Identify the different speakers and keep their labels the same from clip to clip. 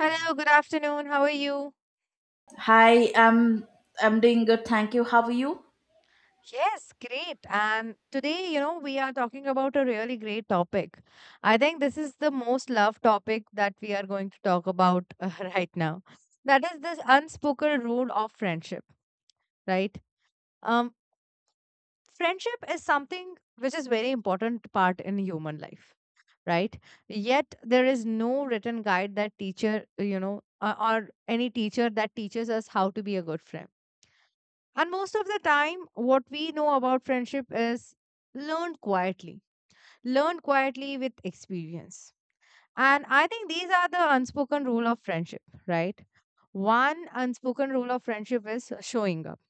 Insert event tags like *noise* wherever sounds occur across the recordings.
Speaker 1: Hello, good afternoon. How are you?
Speaker 2: Hi, I'm doing good. Thank you. How are you?
Speaker 1: Yes, great. And today, you know, we are talking about a really great topic. I think this is the most loved topic that we are going to talk about *laughs* right now. That is this unspoken rule of friendship, right? Um, Friendship is something which is very important part in human life, right? Yet there is no written guide that teacher, you know, or any teacher that teaches us how to be a good friend. And most of the time, what we know about friendship is learned quietly, learned quietly with experience. And I think these are the unspoken rule of friendship, right? One unspoken rule of friendship is showing up,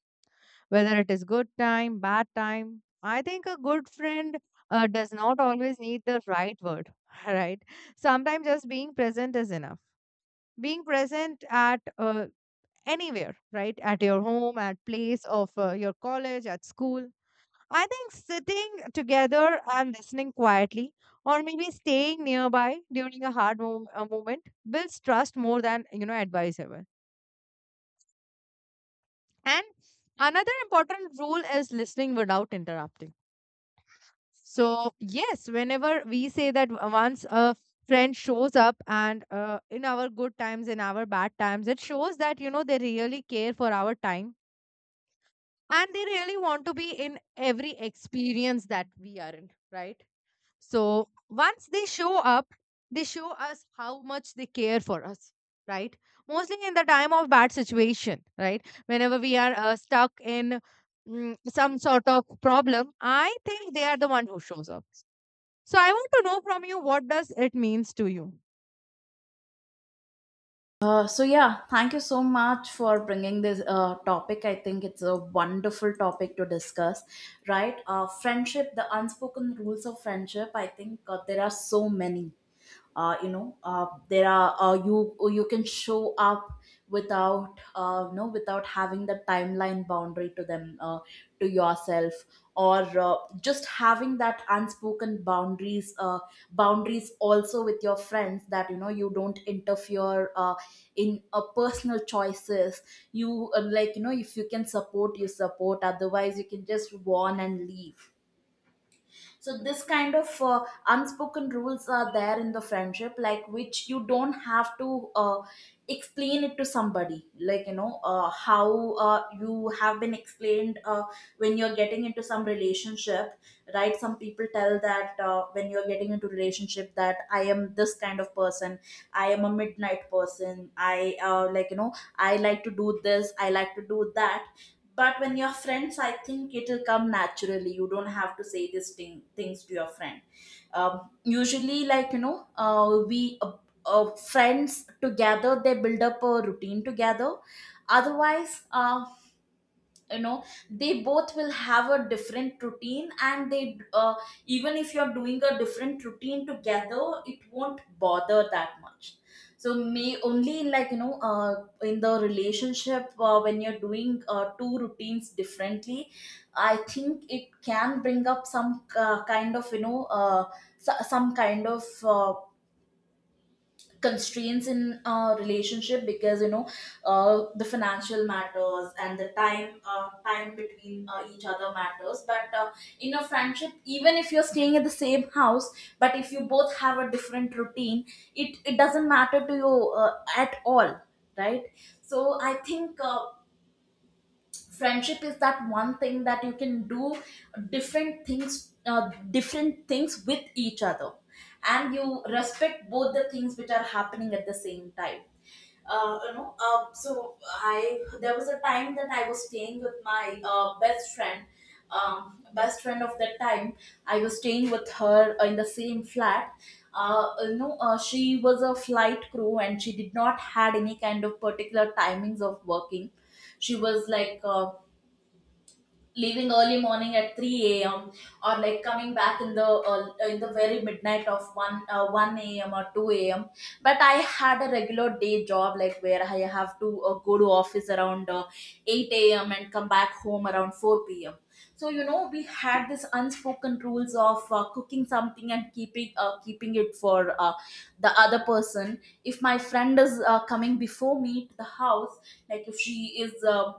Speaker 1: whether it is good time, bad time. I think a good friend does not always need the right word, *laughs* right? Sometimes just being present is enough. Being present at anywhere, right? At your home, at place of your college, at school. I think sitting together and listening quietly, or maybe staying nearby during a a moment, builds trust more than you know advice ever. And another important rule is listening without interrupting. So yes, whenever we say that once a friend shows up and in our good times, in our bad times, it shows that you know they really care for our time and they really want to be in every experience that we are in, right? So once they show up, they show us how much they care for us, right? Mostly in the time of bad situation, right? Whenever we are stuck in some sort of problem, I think they are the one who shows up. So I want to know from you, what does it means to you?
Speaker 2: So yeah, thank you so much for bringing this topic. I think it's a wonderful topic to discuss, right? Friendship, the unspoken rules of friendship. I think there are so many. There are You can show up without without having the timeline boundary to them, to yourself, or just having that unspoken boundaries, boundaries also with your friends, that you know you don't interfere in personal choices. You, like you know, if you can support, you support, otherwise you can just warn and leave. So this kind of unspoken rules are there in the friendship, like which you don't have to explain it to somebody, like you know how you have been explained when you're getting into some relationship. Right, some people tell that when you're getting into relationship that I am this kind of person, I am a midnight person, I like you know, I like to do this, I like to do that. But when you're friends I think it'll come naturally, you don't have to say these things to your friend. Usually like you know, we friends together they build up a routine together. Otherwise, you know, they both will have a different routine, and they, even if you're doing a different routine together, it won't bother that much. So may only like you know, in the relationship, when you're doing two routines differently, I think it can bring up some kind of, you know, some kind of constraints in a relationship. Because you know, the financial matters and the time, time between each other matters. But in a friendship, even if you're staying at the same house, but if you both have a different routine, it doesn't matter to you at all, right. So I think friendship is that one thing that you can do different things with each other, and you respect both the things which are happening at the same time. So I, there was a time that I was staying with my best friend of that time. I was staying with her in the same flat. She was a flight crew and she did not had any kind of particular timings of working. She was like, leaving early morning at 3 a.m. or like coming back in the, uh, in the very midnight of 1 a.m. or 2 a.m. But I had a regular day job, like where I have to, go to office around 8 a.m. and come back home around 4 p.m. So you know we had this unspoken rules of cooking something and keeping it for uh, the other person. If my friend is coming before me to the house, like if she is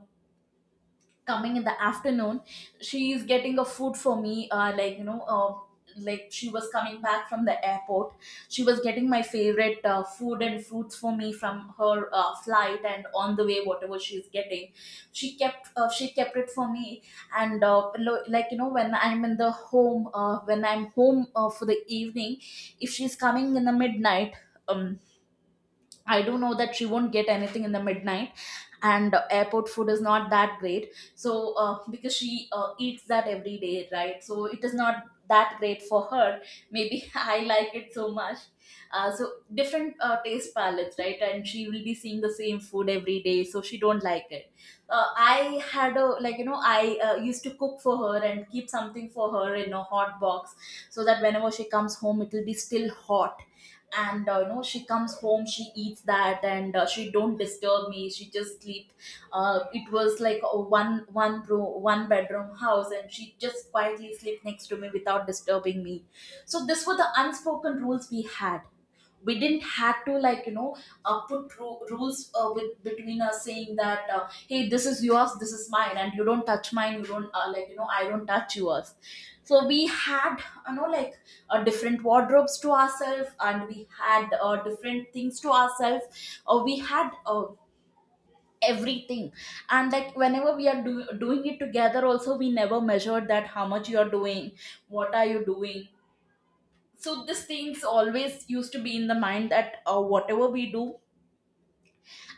Speaker 2: coming in the afternoon, she is getting a food for me, like you know, like she was coming back from the airport, she was getting my favorite food and fruits for me from her flight, and on the way whatever she's getting, she kept it for me. And like you know, when I'm in the home, when I'm home for the evening, if she's coming in the midnight, um I do know that she won't get anything in the midnight, and airport food is not that great. So, because she eats that every day, right? So it is not that great for her. Maybe *laughs* I like it so much. So, different taste palettes, right? And she will be seeing the same food every day, so she don't like it. I had a, like you know, I used to cook for her and keep something for her in a hot box, so that whenever she comes home it will be still hot. And you know, she comes home, she eats that, and she don't disturb me, she just sleep. It was like a one bedroom house, and she just quietly sleep next to me without disturbing me. So this were the unspoken rules we had. We didn't have to, like you know, put rules with between us, saying that hey, this is yours, this is mine, and you don't touch mine, you don't, like you know, I don't touch yours. So we had, you know, like, different wardrobes to ourselves, and we had different things to ourselves, we had everything. And like whenever we are doing it together also, we never measured that how much you are doing, what are you doing. So these things always used to be in the mind that whatever we do,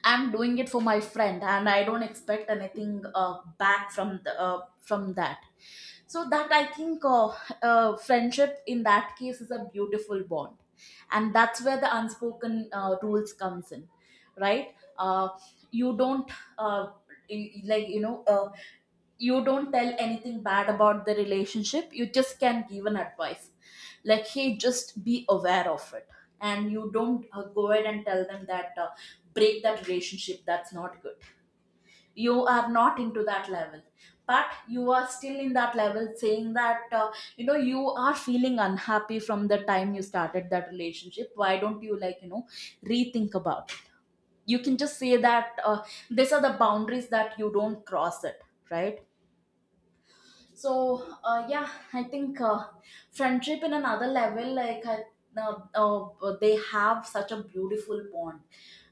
Speaker 2: I'm doing it for my friend, and I don't expect anything back from the, from that. So that I think friendship in that case is a beautiful bond, and that's where the unspoken rules comes in, right. You don't, uh, like you know, you don't tell anything bad about the relationship, you just can give an advice, like hey, just be aware of it. And you don't go ahead and tell them that break that relationship, that's not good, you are not into that level. But you are still in that level, saying that you know, you are feeling unhappy from the time you started that relationship, why don't you, like you know, rethink about it. You can just say that these are the boundaries, that you don't cross it, right. So yeah, I think friendship in another level. Like I, they have such a beautiful bond,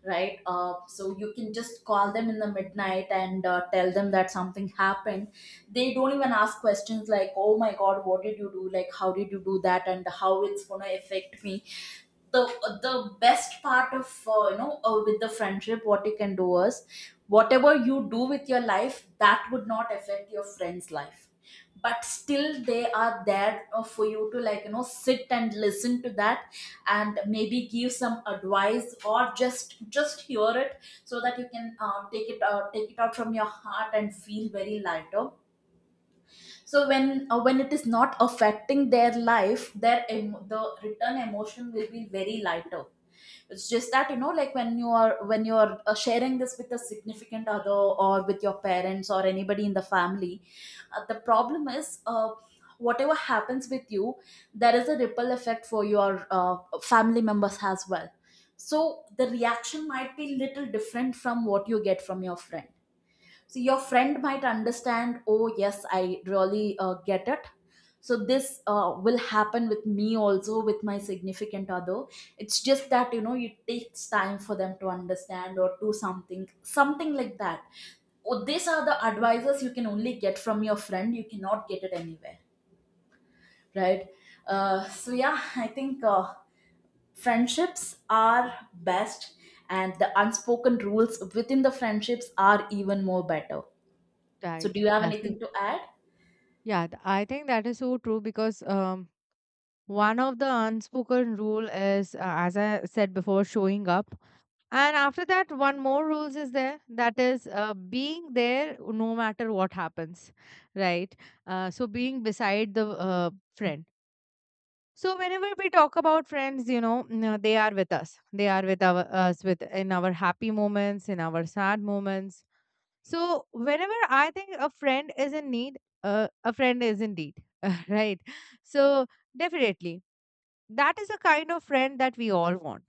Speaker 2: right? So you can just call them in the midnight and tell them that something happened. They don't even ask questions like, "Oh my God, what did you do? Like, how did you do that? And how it's gonna affect me?" the the best part of, with the friendship, what you can do is, whatever you do with your life that would not affect your friend's life, but still they are there for you to, like you know, sit and listen to that, and maybe give some advice, or just hear it, so that you can take it out, take it out from your heart, and feel very lighter. So when it is not affecting their life, their the return emotion will be very lighter. It's just that you know, like when you are sharing this with a significant other, or with your parents, or anybody in the family, the problem is, whatever happens with you, there is a ripple effect for your family members as well. So the reaction might be little different from what you get from your friend. So your friend might understand, oh yes, I really get it. So this will happen with me also with my significant other. It's just that you know it takes time for them to understand, or do something like that. Oh, these are the advices you can only get from your friend, you cannot get it anywhere, right. So yeah, I think friendships are best, and the unspoken rules within the friendships are even more better. So,
Speaker 1: Right.
Speaker 2: do you have
Speaker 1: That's
Speaker 2: anything
Speaker 1: it.
Speaker 2: to add?
Speaker 1: Yeah, I think that is so true because one of the unspoken rule is, as I said before, showing up. And after that, one more rules is there, that is being there no matter what happens, right? So being beside the friend. So whenever we talk about friends, you know, they are with us. They are with our, us with in our happy moments, in our sad moments, so whenever I think a friend is in need, a friend is indeed, *laughs* right? So definitely, that is the kind of friend that we all want,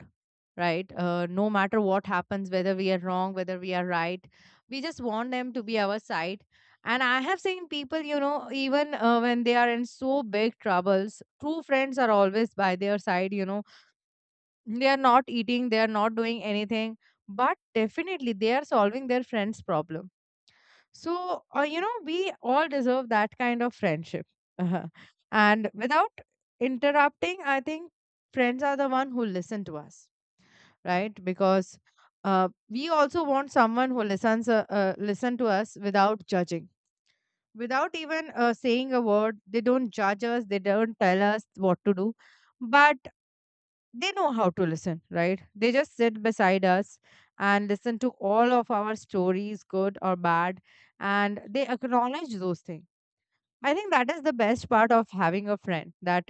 Speaker 1: right? No matter what happens, whether we are wrong, whether we are right, we just want them to be our side. And I have seen people, you know, even when they are in so big troubles, true friends are always by their side, you know. They are not eating, they are not doing anything, but definitely they are solving their friend's problem. So, you know, we all deserve that kind of friendship. *laughs* Uh-huh. And without interrupting, I think friends are the one who listen to us, right? Because we also want someone who listens, listen to us without judging, without even saying a word. They don't judge us. They don't tell us what to do, but they know how to listen, right? They just sit beside us and listen to all of our stories, good or bad, and they acknowledge those things. I think that is the best part of having a friend, that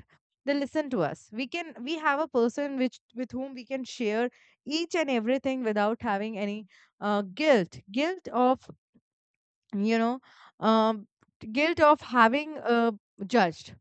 Speaker 1: they listen to us. We have a person which with whom we can share each and everything without having any guilt of you know um, guilt of having judged.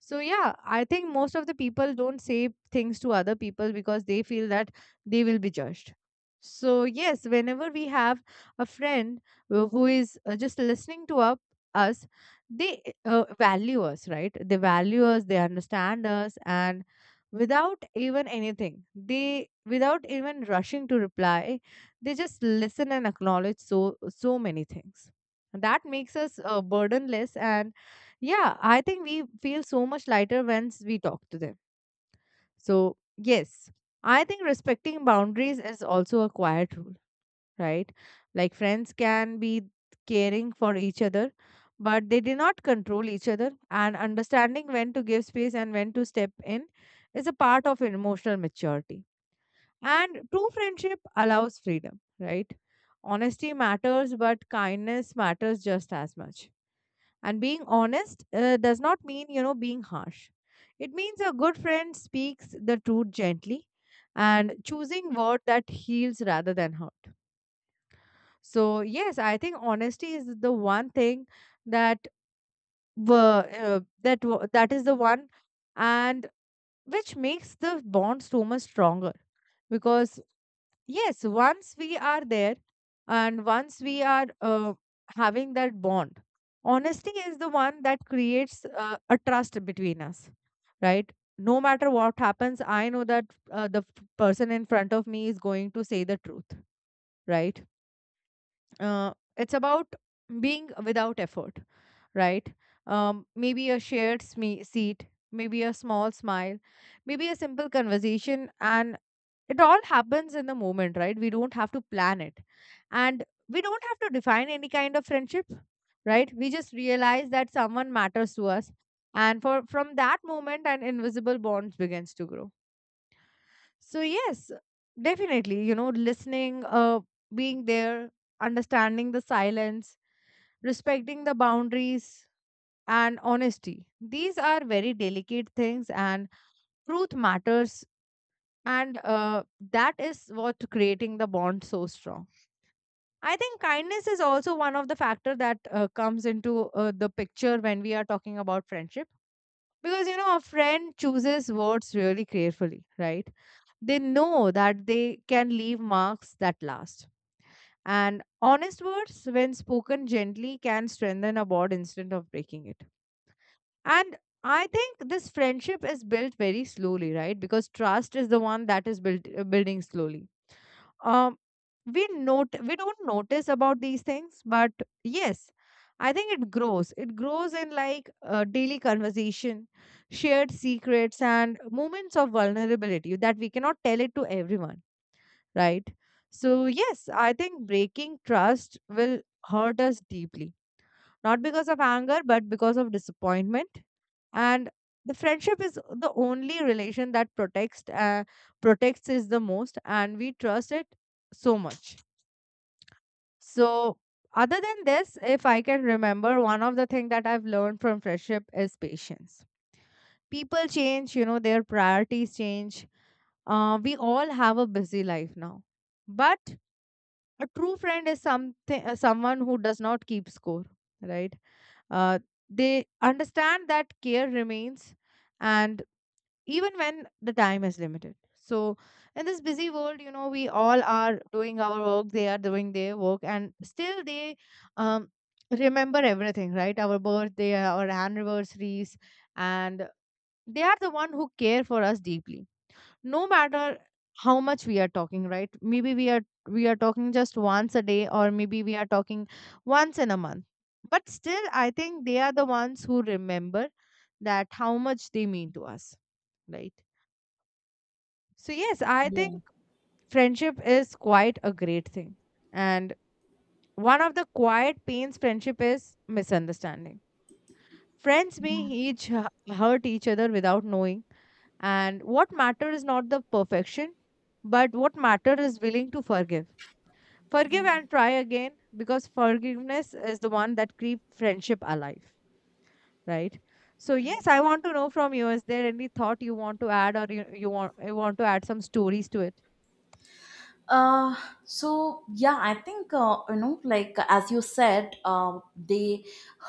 Speaker 1: So yeah, I think most of the people don't say things to other people because they feel that they will be judged. So yes, whenever we have a friend who is just listening to up, us, they value us, right? They value us, they understand us, and without even anything, they, without even rushing to reply, they just listen and acknowledge so so many things that makes us burdenless. And yeah, I think we feel so much lighter once we talk to them. So yes, I think respecting boundaries is also a quiet rule, right? Like friends can be caring for each other, but they do not control each other, and understanding when to give space and when to step in is a part of emotional maturity. And true friendship allows freedom, right? Honesty matters, but kindness matters just as much. And being honest does not mean, you know, being harsh. It means a good friend speaks the truth gently and choosing word that heals rather than hurt. So yes, I think honesty is the one thing that that is the one and which makes the bond so much stronger, because yes, once we are there and once we are having that bond, honesty is the one that creates a trust between us, right? No matter what happens, I know that person in front of me is going to say the truth, right? It's about being without effort, right? Maybe a seat, maybe a small smile, maybe a simple conversation, and it all happens in the moment. Right, we don't have to plan it, and we don't have to define any kind of friendship, right? We just realize that someone matters to us, and for from that moment an invisible bond begins to grow. So yes, definitely, you know, listening, uh, being there, understanding the silence, respecting the boundaries, and honesty, these are very delicate things. And truth matters, and that is what creating the bond so strong. I think kindness is also one of the factor that comes into the picture when we are talking about friendship, because you know a friend chooses words really carefully, right? They know that they can leave marks that last, and honest words when spoken gently can strengthen a bond instead of breaking it. And I think this friendship is built very slowly, right? Because trust is the one that is built, building slowly. Um, we don't notice about these things, but yes, I think it grows. It grows in like daily conversation, shared secrets, and moments of vulnerability that we cannot tell it to everyone, right? So yes, I think breaking trust will hurt us deeply, not because of anger, but because of disappointment. And the friendship is the only relation that protects protects is the most, and we trust it so much. So, other than this, if I can remember, one of the thing that I've learned from friendship is patience. People change, you know, their priorities change. We all have a busy life now, but a true friend is something, someone who does not keep score, right? Uh, they understand that care remains, and even when the time is limited. So in this busy world, you know, we all are doing our work, they are doing their work, and still they um, remember everything, right? Our birthday, our anniversaries, and they are the one who care for us deeply, no matter how much we are talking. Right, maybe we are talking just once a day, or maybe we are talking once in a month, but still I think they are the ones who remember that how much they mean to us, right? So yes, I
Speaker 2: Yeah.
Speaker 1: think friendship is quite a great thing. And one of the quiet pains friendship is misunderstanding. Friends may each hu- hurt each other without knowing. And what matter is not the perfection, but what matter is willing to forgive. Forgive
Speaker 2: Yeah.
Speaker 1: and try again, because forgiveness is the one that keeps friendship alive, right? So
Speaker 2: I-
Speaker 1: yes, I want to know from you, is there any thought you want to add, or you want to add some stories to it?
Speaker 2: Uh, so yeah, I think, you know, like as you said, they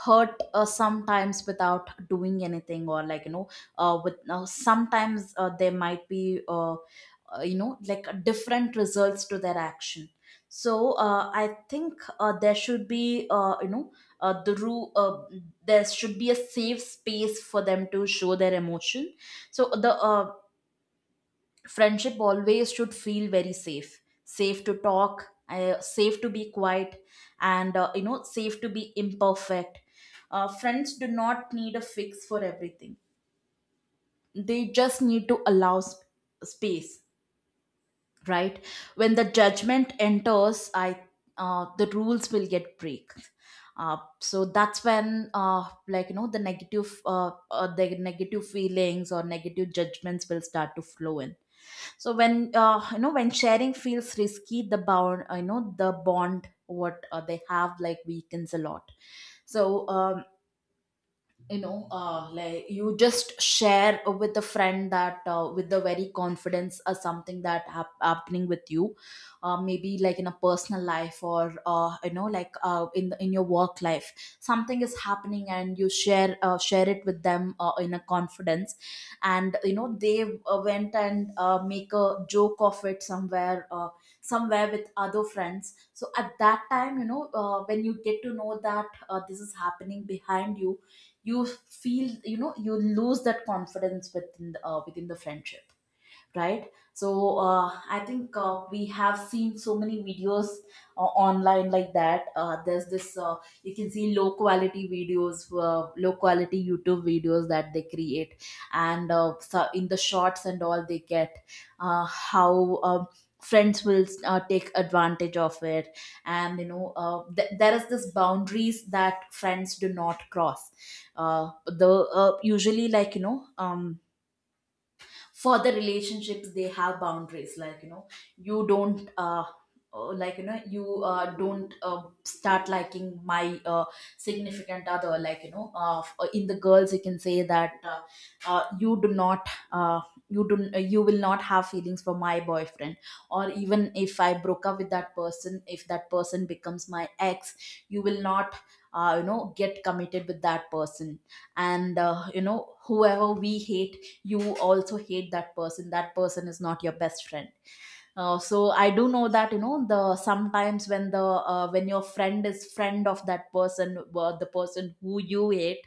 Speaker 2: hurt sometimes without doing anything, or like you know, with sometimes there might be you know, like different results to their action. So I think there should be, you know, the rule, there should be a safe space for them to show their emotion. So the friendship always should feel very safe to talk, safe to be quiet, and safe to be imperfect. Friends do not need a fix for everything. They just need to allow space. Right. When the judgment enters, I the rules will get break. So that's when, the negative feelings or negative judgments will start to flow in. So when you know when sharing feels risky, the bond what they have like weakens a lot. So like you just share with a friend that, with the very confidence, or something that happening with you, maybe like in a personal life, or in your work life. Something is happening and you share it with them, in a confidence. And they went and make a joke of it somewhere with other friends. So at that time, when you get to know that this is happening behind you, you feel, you know, you lose that confidence within within the friendship. Right. So I think we have seen so many videos uh, online. Like that, there's this you can see low quality videos, low quality YouTube videos that they create. And so in the shorts and all, they get how friends will take advantage of it. And there is this boundaries that friends do not cross. Uh, the Usually, um, for the relationships, they have boundaries. You don't like you know you don't start liking my significant other. In the girls you can say that, you do not you do you will not have feelings for my boyfriend, or even if I broke up with that person, if that person becomes my ex, you will not get committed with that person. And whoever we hate, you also hate that person. That person is not your best friend. So I do know that, the sometimes when the, when your friend is friend of that person, the person who you hate,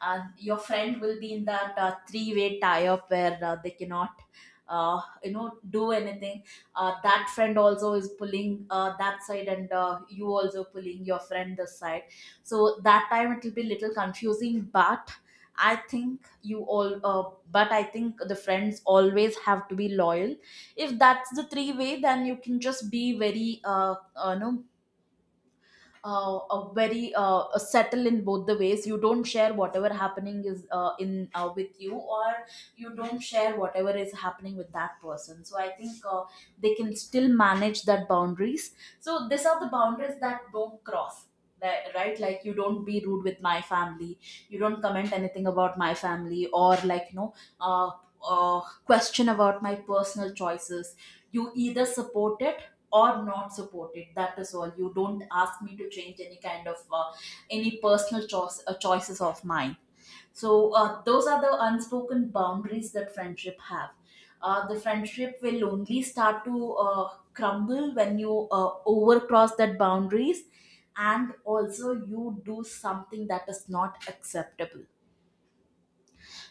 Speaker 2: your friend will be in that three-way tie up where they cannot do anything. That friend also is pulling that side, and you also pulling your friend this side. So that time it will be little confusing. But I think the friends always have to be loyal. If that's the three way, then you can just be very no a very a settle in both the ways. You don't share whatever happening is in with you, or you don't share whatever is happening with that person. So I think they can still manage that boundaries. So these are the boundaries that don't cross. Right, like you don't be rude with my family, you don't comment anything about my family, or uh, question about my personal choices. You either support it, or not support it. That is all. You don't ask me to change any kind of any personal choice, choices of mine. So those are the unspoken boundaries that friendship have. The friendship will only start to crumble when you overcross that boundaries, and also you do something that is not acceptable.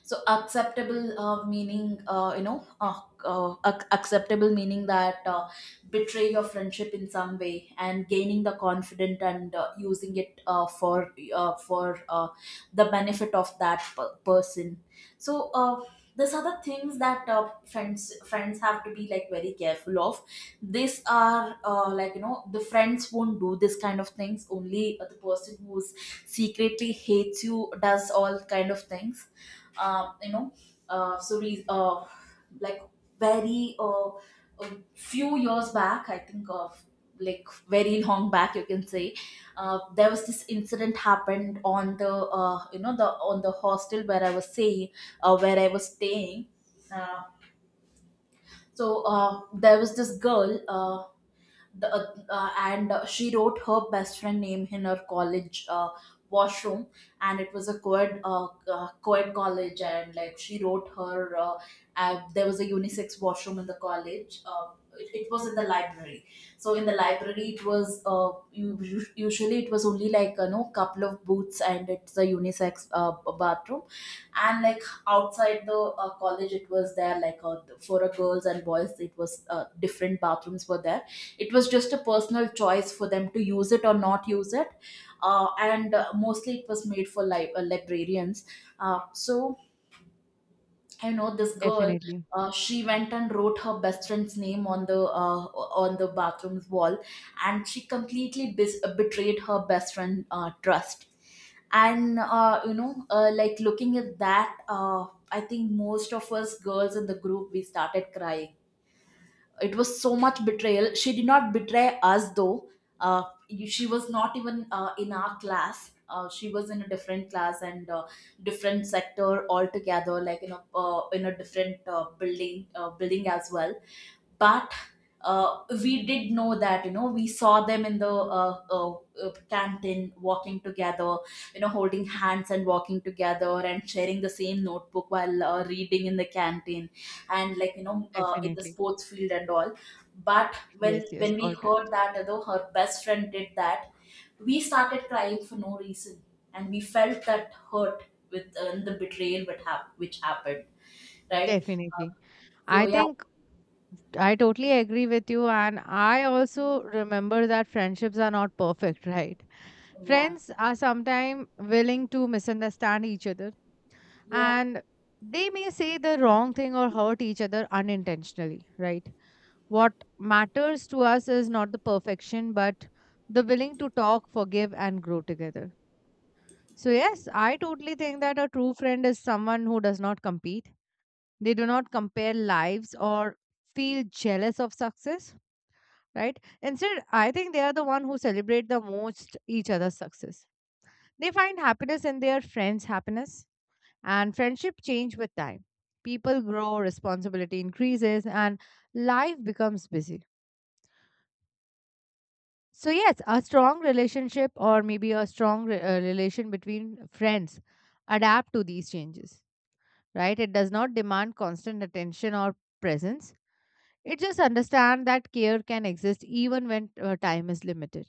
Speaker 2: So acceptable meaning, acceptable meaning that betray your friendship in some way and gaining the confident and using it for the benefit of that person. So these are the things that friends have to be like very careful of. These are the friends won't do this kind of things. Only the person who's secretly hates you does all kind of things. Uh, you know so re- like very A few years back, I think of, like very long back you can say, there was this incident happened on the, on the hostel where I was saying, where I was staying. uh, there was this girl, the, and she wrote her best friend name in her college washroom. And it was a co-ed, co-ed college, and like she wrote her there was a unisex washroom in the college. It was in the library. So in the library, it was usually, it was only couple of booths, and it's a unisex bathroom. And like outside the college, it was there, for a girls and boys, it was different bathrooms were there. It was just a personal choice for them to use it or not use it. And Mostly it was made for librarians. So I know this girl.
Speaker 1: Definitely,
Speaker 2: She went and wrote her best friend's name on the bathroom's wall, and she completely betrayed her best friend trust. And like looking at that, I think most of us girls in the group, we started crying. It was so much betrayal. She did not betray us though. uh, she was not even in our class. She was in a different class, and different sector altogether, like in a, in a different building as well. But we did know that, you know, we saw them in the canteen walking together, you know, holding hands and walking together, and sharing the same notebook while reading in the canteen, and in the
Speaker 1: definitely.
Speaker 2: sports field and all. But when
Speaker 1: Yes, yes,
Speaker 2: when we
Speaker 1: got it.
Speaker 2: heard that, you know, her best friend did that, we started crying for no reason, and we felt that hurt with the betrayal what which happened. Right.
Speaker 1: Definitely.
Speaker 2: So
Speaker 1: I
Speaker 2: yeah,
Speaker 1: think I totally agree with you. And I also remember that friendships are not perfect, right?
Speaker 2: yeah,
Speaker 1: Friends are sometimes willing to misunderstand each other,
Speaker 2: yeah.
Speaker 1: and they may say the wrong thing or hurt each other unintentionally, right? What matters to us is not the perfection, but the willing to talk, forgive, and grow together. So, yes, I totally think that a true friend is someone who does not compete. They do not compare lives or feel jealous of success, right? Instead, I think they are the one who celebrate the most each other's success. They find happiness in their friends' happiness, and friendship change with time. People grow, responsibility increases, and life becomes busy. So yes, a strong relationship or maybe a relation between friends adapt to these changes, right? It does not demand constant attention or presence. It just understand that care can exist even when time is limited.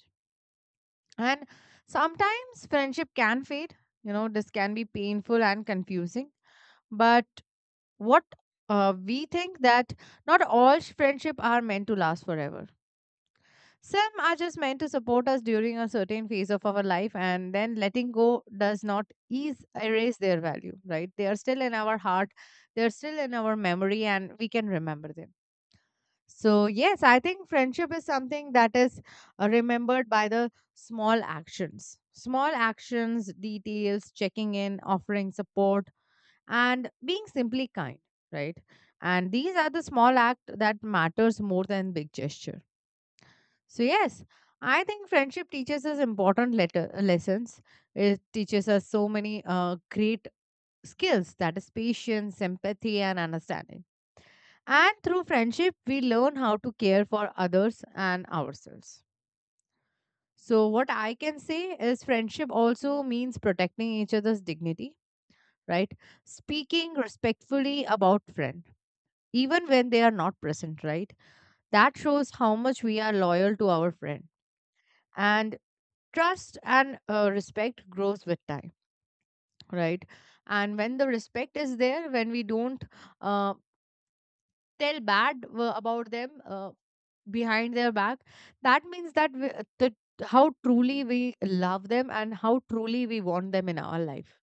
Speaker 1: And sometimes friendship can fade. You know, this can be painful and confusing. But what we think that not all friendship are meant to last forever. Some are just meant to support us during a certain phase of our life, and then letting go does not ease erase their value. Right? They are still in our heart. They are still in our memory, and we can remember them. So, yes, I think friendship is something that is remembered by the small actions. Small actions, details, checking in, offering support, and being simply kind, right? And these are the small act that matters more than big gesture. So, yes, I think friendship teaches us important lessons. It teaches us so many great skills that is patience, empathy, and understanding and through friendship, we learn how to care for others and ourselves. So, what I can say is friendship also means protecting each other's dignity, right? Speaking respectfully about friend, even when they are not present, right? That shows how much we are loyal to our friend. And trust and respect grows with time, right? And when the respect is there, when we don't uh, tell bad about them, behind their back that means the, how truly we love them and how truly we want them in our life,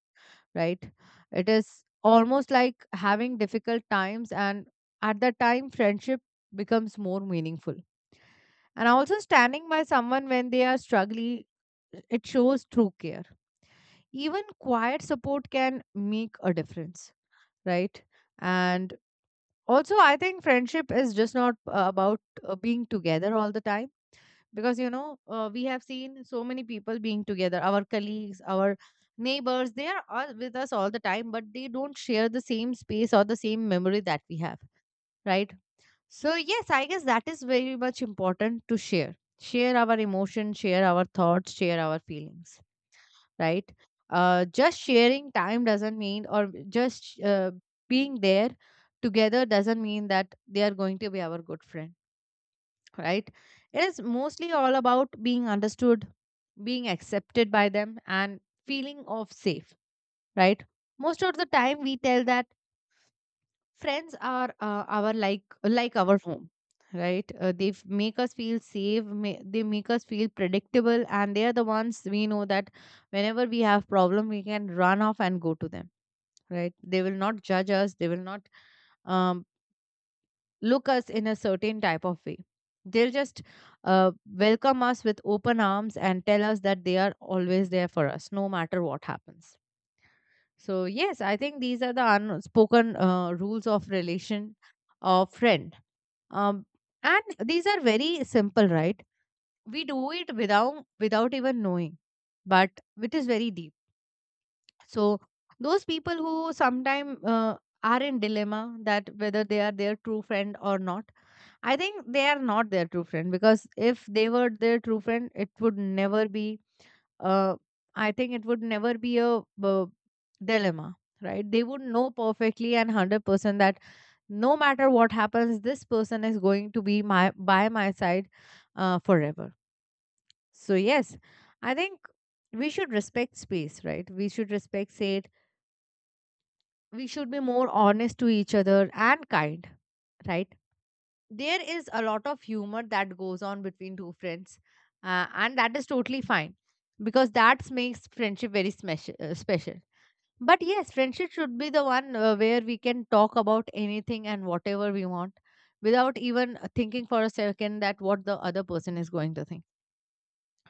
Speaker 1: right? It is almost like having difficult times and at that time friendship becomes more meaningful, and also standing by someone when they are struggling, it shows true care. Even quiet support can make a difference, right? And also I think friendship is just not about being together all the time because you know we have seen so many people being together, our colleagues, our neighbors, they are all with us all the time, but they don't share the same space or the same memory that we have, right? So yes, I guess that is very much important to share, share our emotions, share our thoughts, share our feelings, right? Just sharing time doesn't mean, or just being there together doesn't mean that they are going to be our good friend, right? It is mostly all about being understood, being accepted by them, and feeling of safe, right? Most of the time, we tell that friends are our like our home, right? They make us feel safe. They make us feel predictable, and they are the ones we know that whenever we have problem, we can run off and go to them, right? They will not judge us. They will not. Um, Look us in a certain type of way. They'll just welcome us with open arms and tell us that they are always there for us, no matter what happens. So, yes, I think these are the unspoken rules of relation of friend. Um, and these are very simple, right? We do it without even knowing, but it is very deep. So those people who sometimes are in dilemma that whether they are their true friend or not, I think they are not their true friend, because if they were their true friend, it would never be. Uh, I think it would never be a dilemma, right? They would know perfectly and 100% that no matter what happens, this person is going to be my by my side forever. So yes, I think we should respect space, right? We should respect it. We should be more honest to each other and kind, right? There is a lot of humor that goes on between two friends, and that is totally fine, because that makes friendship very special. But yes, friendship should be the one where we can talk about anything and whatever we want, without even thinking for a second that what the other person is going to think,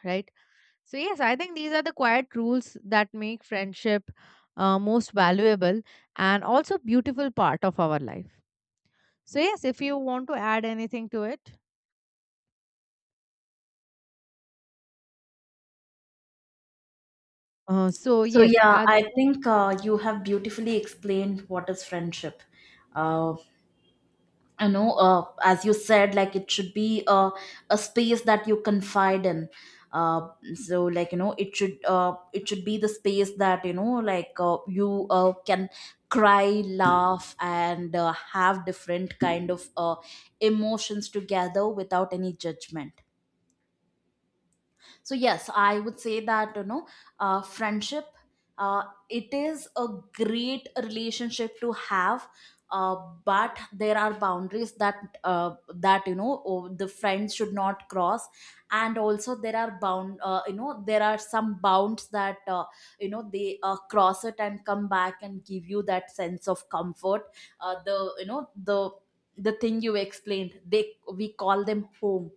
Speaker 1: right? So yes, I think these are the quiet rules that make friendship most valuable and also beautiful part of our life. So yes, if you want to add anything to it. So
Speaker 2: So
Speaker 1: yes,
Speaker 2: yeah,
Speaker 1: and you
Speaker 2: I
Speaker 1: know,
Speaker 2: think you have beautifully explained what is friendship. Uh, you know, as you said, like it should be a space that you confide in. So, it should be the space that, you know, like you can cry, laugh, and have different kind of emotions together without any judgment. So yes, I would say that, you know, friendship, uh, it is a great relationship to have. uh, but there are boundaries that uh, you know, the friends should not cross. And also, there are bound you know, there are some bounds that you know they cross it and come back and give you that sense of comfort. uh, the you know the the thing you explained, they we call them home.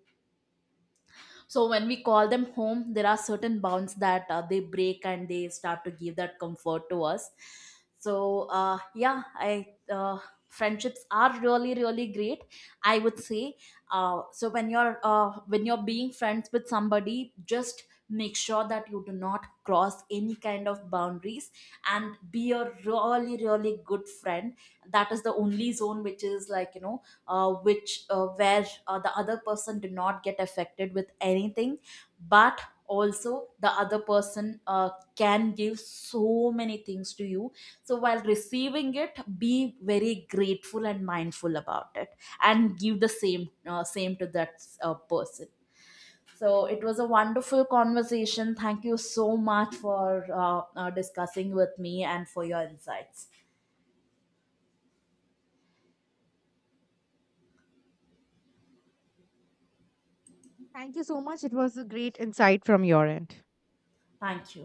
Speaker 2: So when we call them home, there are certain bounds that they break, and they start to give that comfort to us. So yeah, I friendships are really really great, I would say. So when you're being friends with somebody, just make sure that you do not cross any kind of boundaries, and be a really really good friend. That is the only zone which is which where the other person did not get affected with anything. But also, the other person can give so many things to you. So while receiving it, be very grateful and mindful about it, and give the same same to that person. So it was a wonderful conversation. Thank you so much for discussing with me and for your insights.
Speaker 1: thank you so much. It was a great insight from your end.
Speaker 2: Thank you.